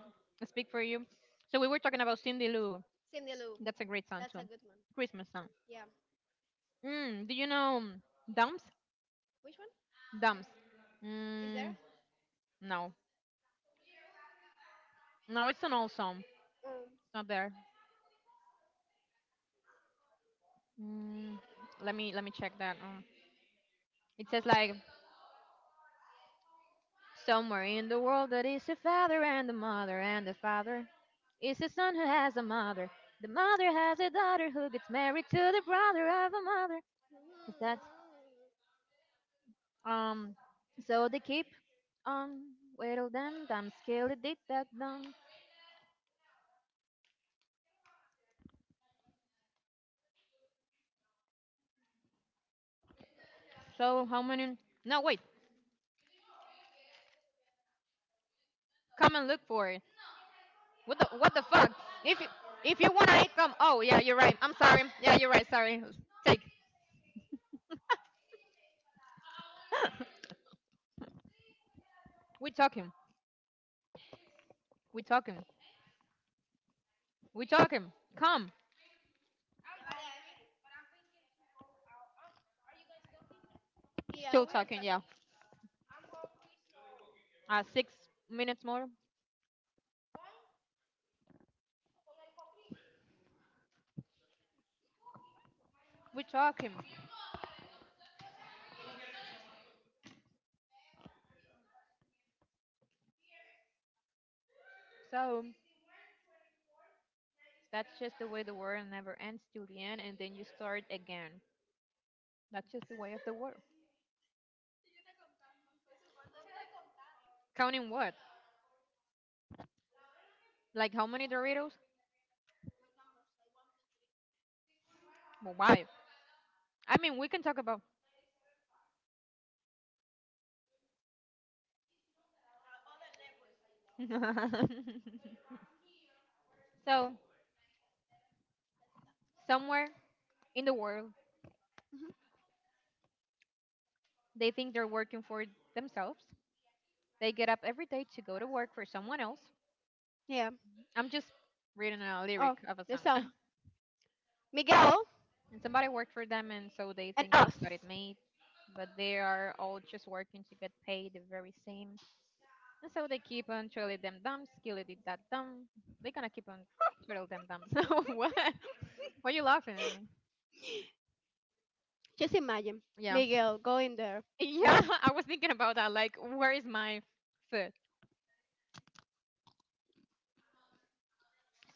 B: speak for you. So we were talking about Cindy Lou.
A: Cindy Lou.
B: That's a great song
A: That's
B: too.
A: a good one.
B: Christmas song.
A: Yeah.
B: Mm. Do you know Dumps?
A: Which one
B: Dumps.
A: is there?
B: Mm. No. No, it's an old song.
A: Um.
B: It's not there. Mm. Let me check that. It says like somewhere in the world that is a father and a mother and a father. It's a son who has a mother. The mother has a daughter who gets married to the brother of a mother. Is that um? So they keep on whittle them dum skillet did that dum. So how many? No wait, come and look for it. What the fuck? If you if you wanna eat come, oh yeah you're right. I'm sorry. Yeah you're right. Sorry. Take. We talking. We talking. We talking. Come.
A: Yeah,
B: Still
A: we are
B: talking.
A: talking.
B: Yeah. 6 minutes more. We talking. So that's just the way the world never ends till the end, and then you start again. That's just the way of the world. Counting what? Like how many Doritos? Well, why? I mean, we can talk about. So, somewhere in the world, they think they're working for themselves. They get up every day to go to work for someone else.
A: Yeah.
B: I'm just reading a lyric
A: Oh,
B: of a
A: there's
B: song.
A: some. Miguel
B: And somebody worked for them, and so they
A: and
B: think they
A: us.
B: got it made. But they are all just working to get paid the very same. And so they keep on trilly them dumps, skilly did that dumb. They gonna keep on trilly them dumps. So what? Why are you laughing at me?
A: Just imagine
B: Yeah.
A: Miguel going there.
B: Yeah,
A: And
B: I was thinking about that. Like, where is my foot?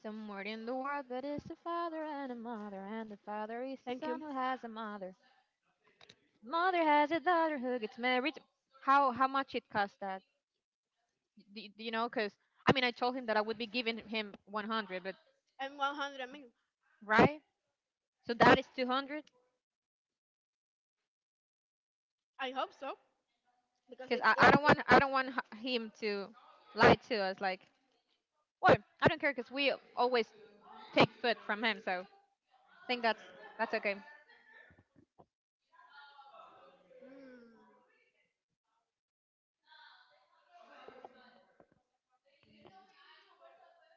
B: Somewhere in the world that is a father and a mother, and the father is the
A: thank
B: son
A: you.
B: who has a mother. Mother has a daughter who gets married. How much it cost that? Do you know? Cause I mean, I told him that I would be giving him 100, but
A: And 100 minutes.
B: right? So that is 200.
A: I hope so. Because
B: Because
A: if
B: I
A: if
B: don't
A: it,
B: want I don't want him to lie to us. Like, well, I don't care because we always take food from him. So I think that's okay.
A: mm,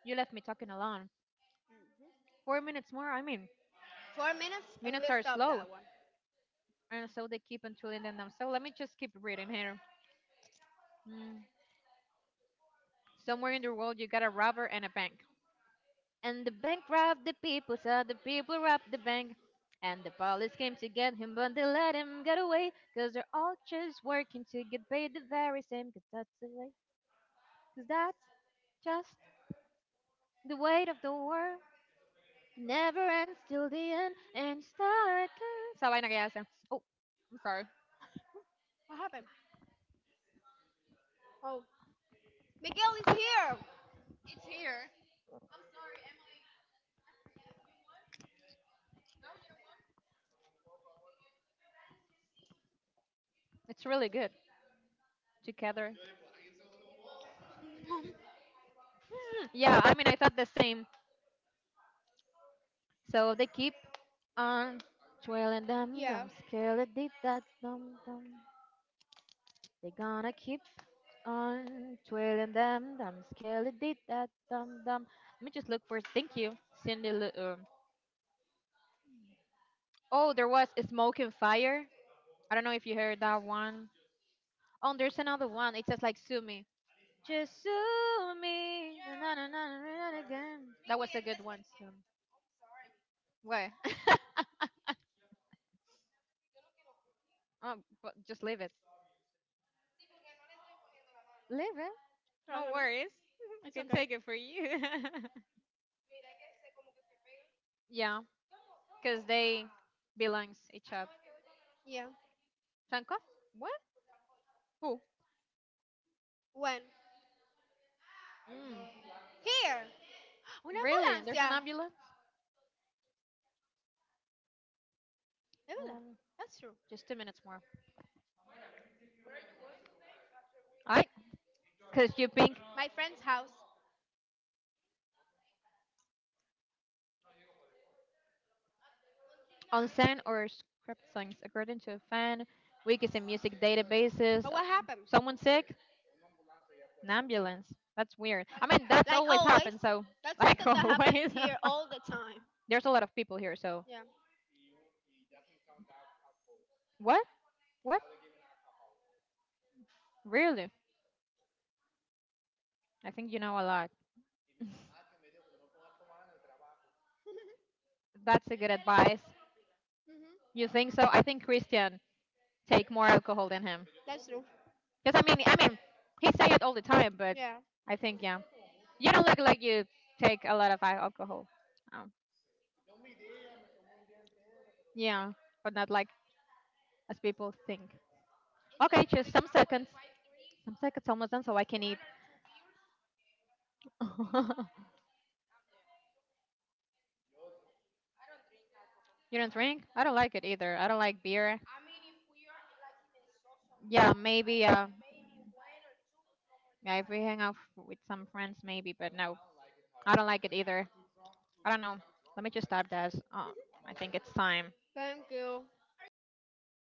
B: You left me talking alone. 4 minutes more. I mean,
A: 4 minutes and
B: minutes
A: we'll
B: are
A: stop
B: slow,
A: that one.
B: and so they keep on tooling them. So let me just keep reading here. Hmm. Somewhere in the world, you got a robber and a bank, and the bank robbed the people, so the people robbed the bank. And the police came to get him, but they let him get away. Cause they're all just working to get paid the very same. Cause that's the way. Cause that's just the weight of the world. Never ends till the end and you start again. Esa vaina que hacen. Oh, I'm sorry.
A: What happened? Oh, Miguel is here.
B: It's here. It's really good together. Hmm, yeah, I mean, I thought the same. So they keep on twirling them,
A: Yeah.
B: them, skillet did that, dum, dum. They gonna keep on twirling them, them, skillet did that, dum, dum. Let me just look for, thank you, Cindy. Oh, there was Smoke and Fire. I don't know if you heard that one. Oh, there's another one. It says like "Sue me, just sue me." Na, na, na, na, na, na, again. That was a good one. So. What? Oh, but just leave it. Leave it. No
A: Problem.
B: worries. I
A: It's
B: can
A: okay.
B: take it for you. Yeah, because they belongs each other.
A: Yeah.
B: Shankov? What? Who?
A: When?
B: Mm,
A: Here, una
B: really? There's an
A: ambulancia.
B: ambulance?
A: Es verdad.
B: Um,
A: That's true.
B: just 2 minutes more. All right. Because you pink
A: My friend's house.
B: onsen or script songs according to a fan, weakest in music databases.
A: But what happened?
B: Someone sick? An ambulance. That's weird. I mean, that's
A: Like
B: always
A: always,
B: happened. So,
A: that's
B: like
A: something that happened
B: always,
A: here all the time.
B: there's a lot of people here. So,
A: Yeah.
B: what? What? Really? I think you know a lot. That's a good advice.
A: Mhm.
B: You think so? I think Christian take more alcohol than him.
A: That's true.
B: Cause I mean, he say it all the time, but
A: Yeah.
B: I think yeah, you don't look like you take a lot of alcohol. Um, yeah, but not like as people think. Okay, just some seconds. Some seconds almost done, so I can eat. You don't drink? I don't like it either. I don't like beer. Yeah, maybe. Yeah, if we hang out with some friends, maybe. But no, I don't like it either. I don't know. Let me just stop this. I think it's time.
A: Thank you.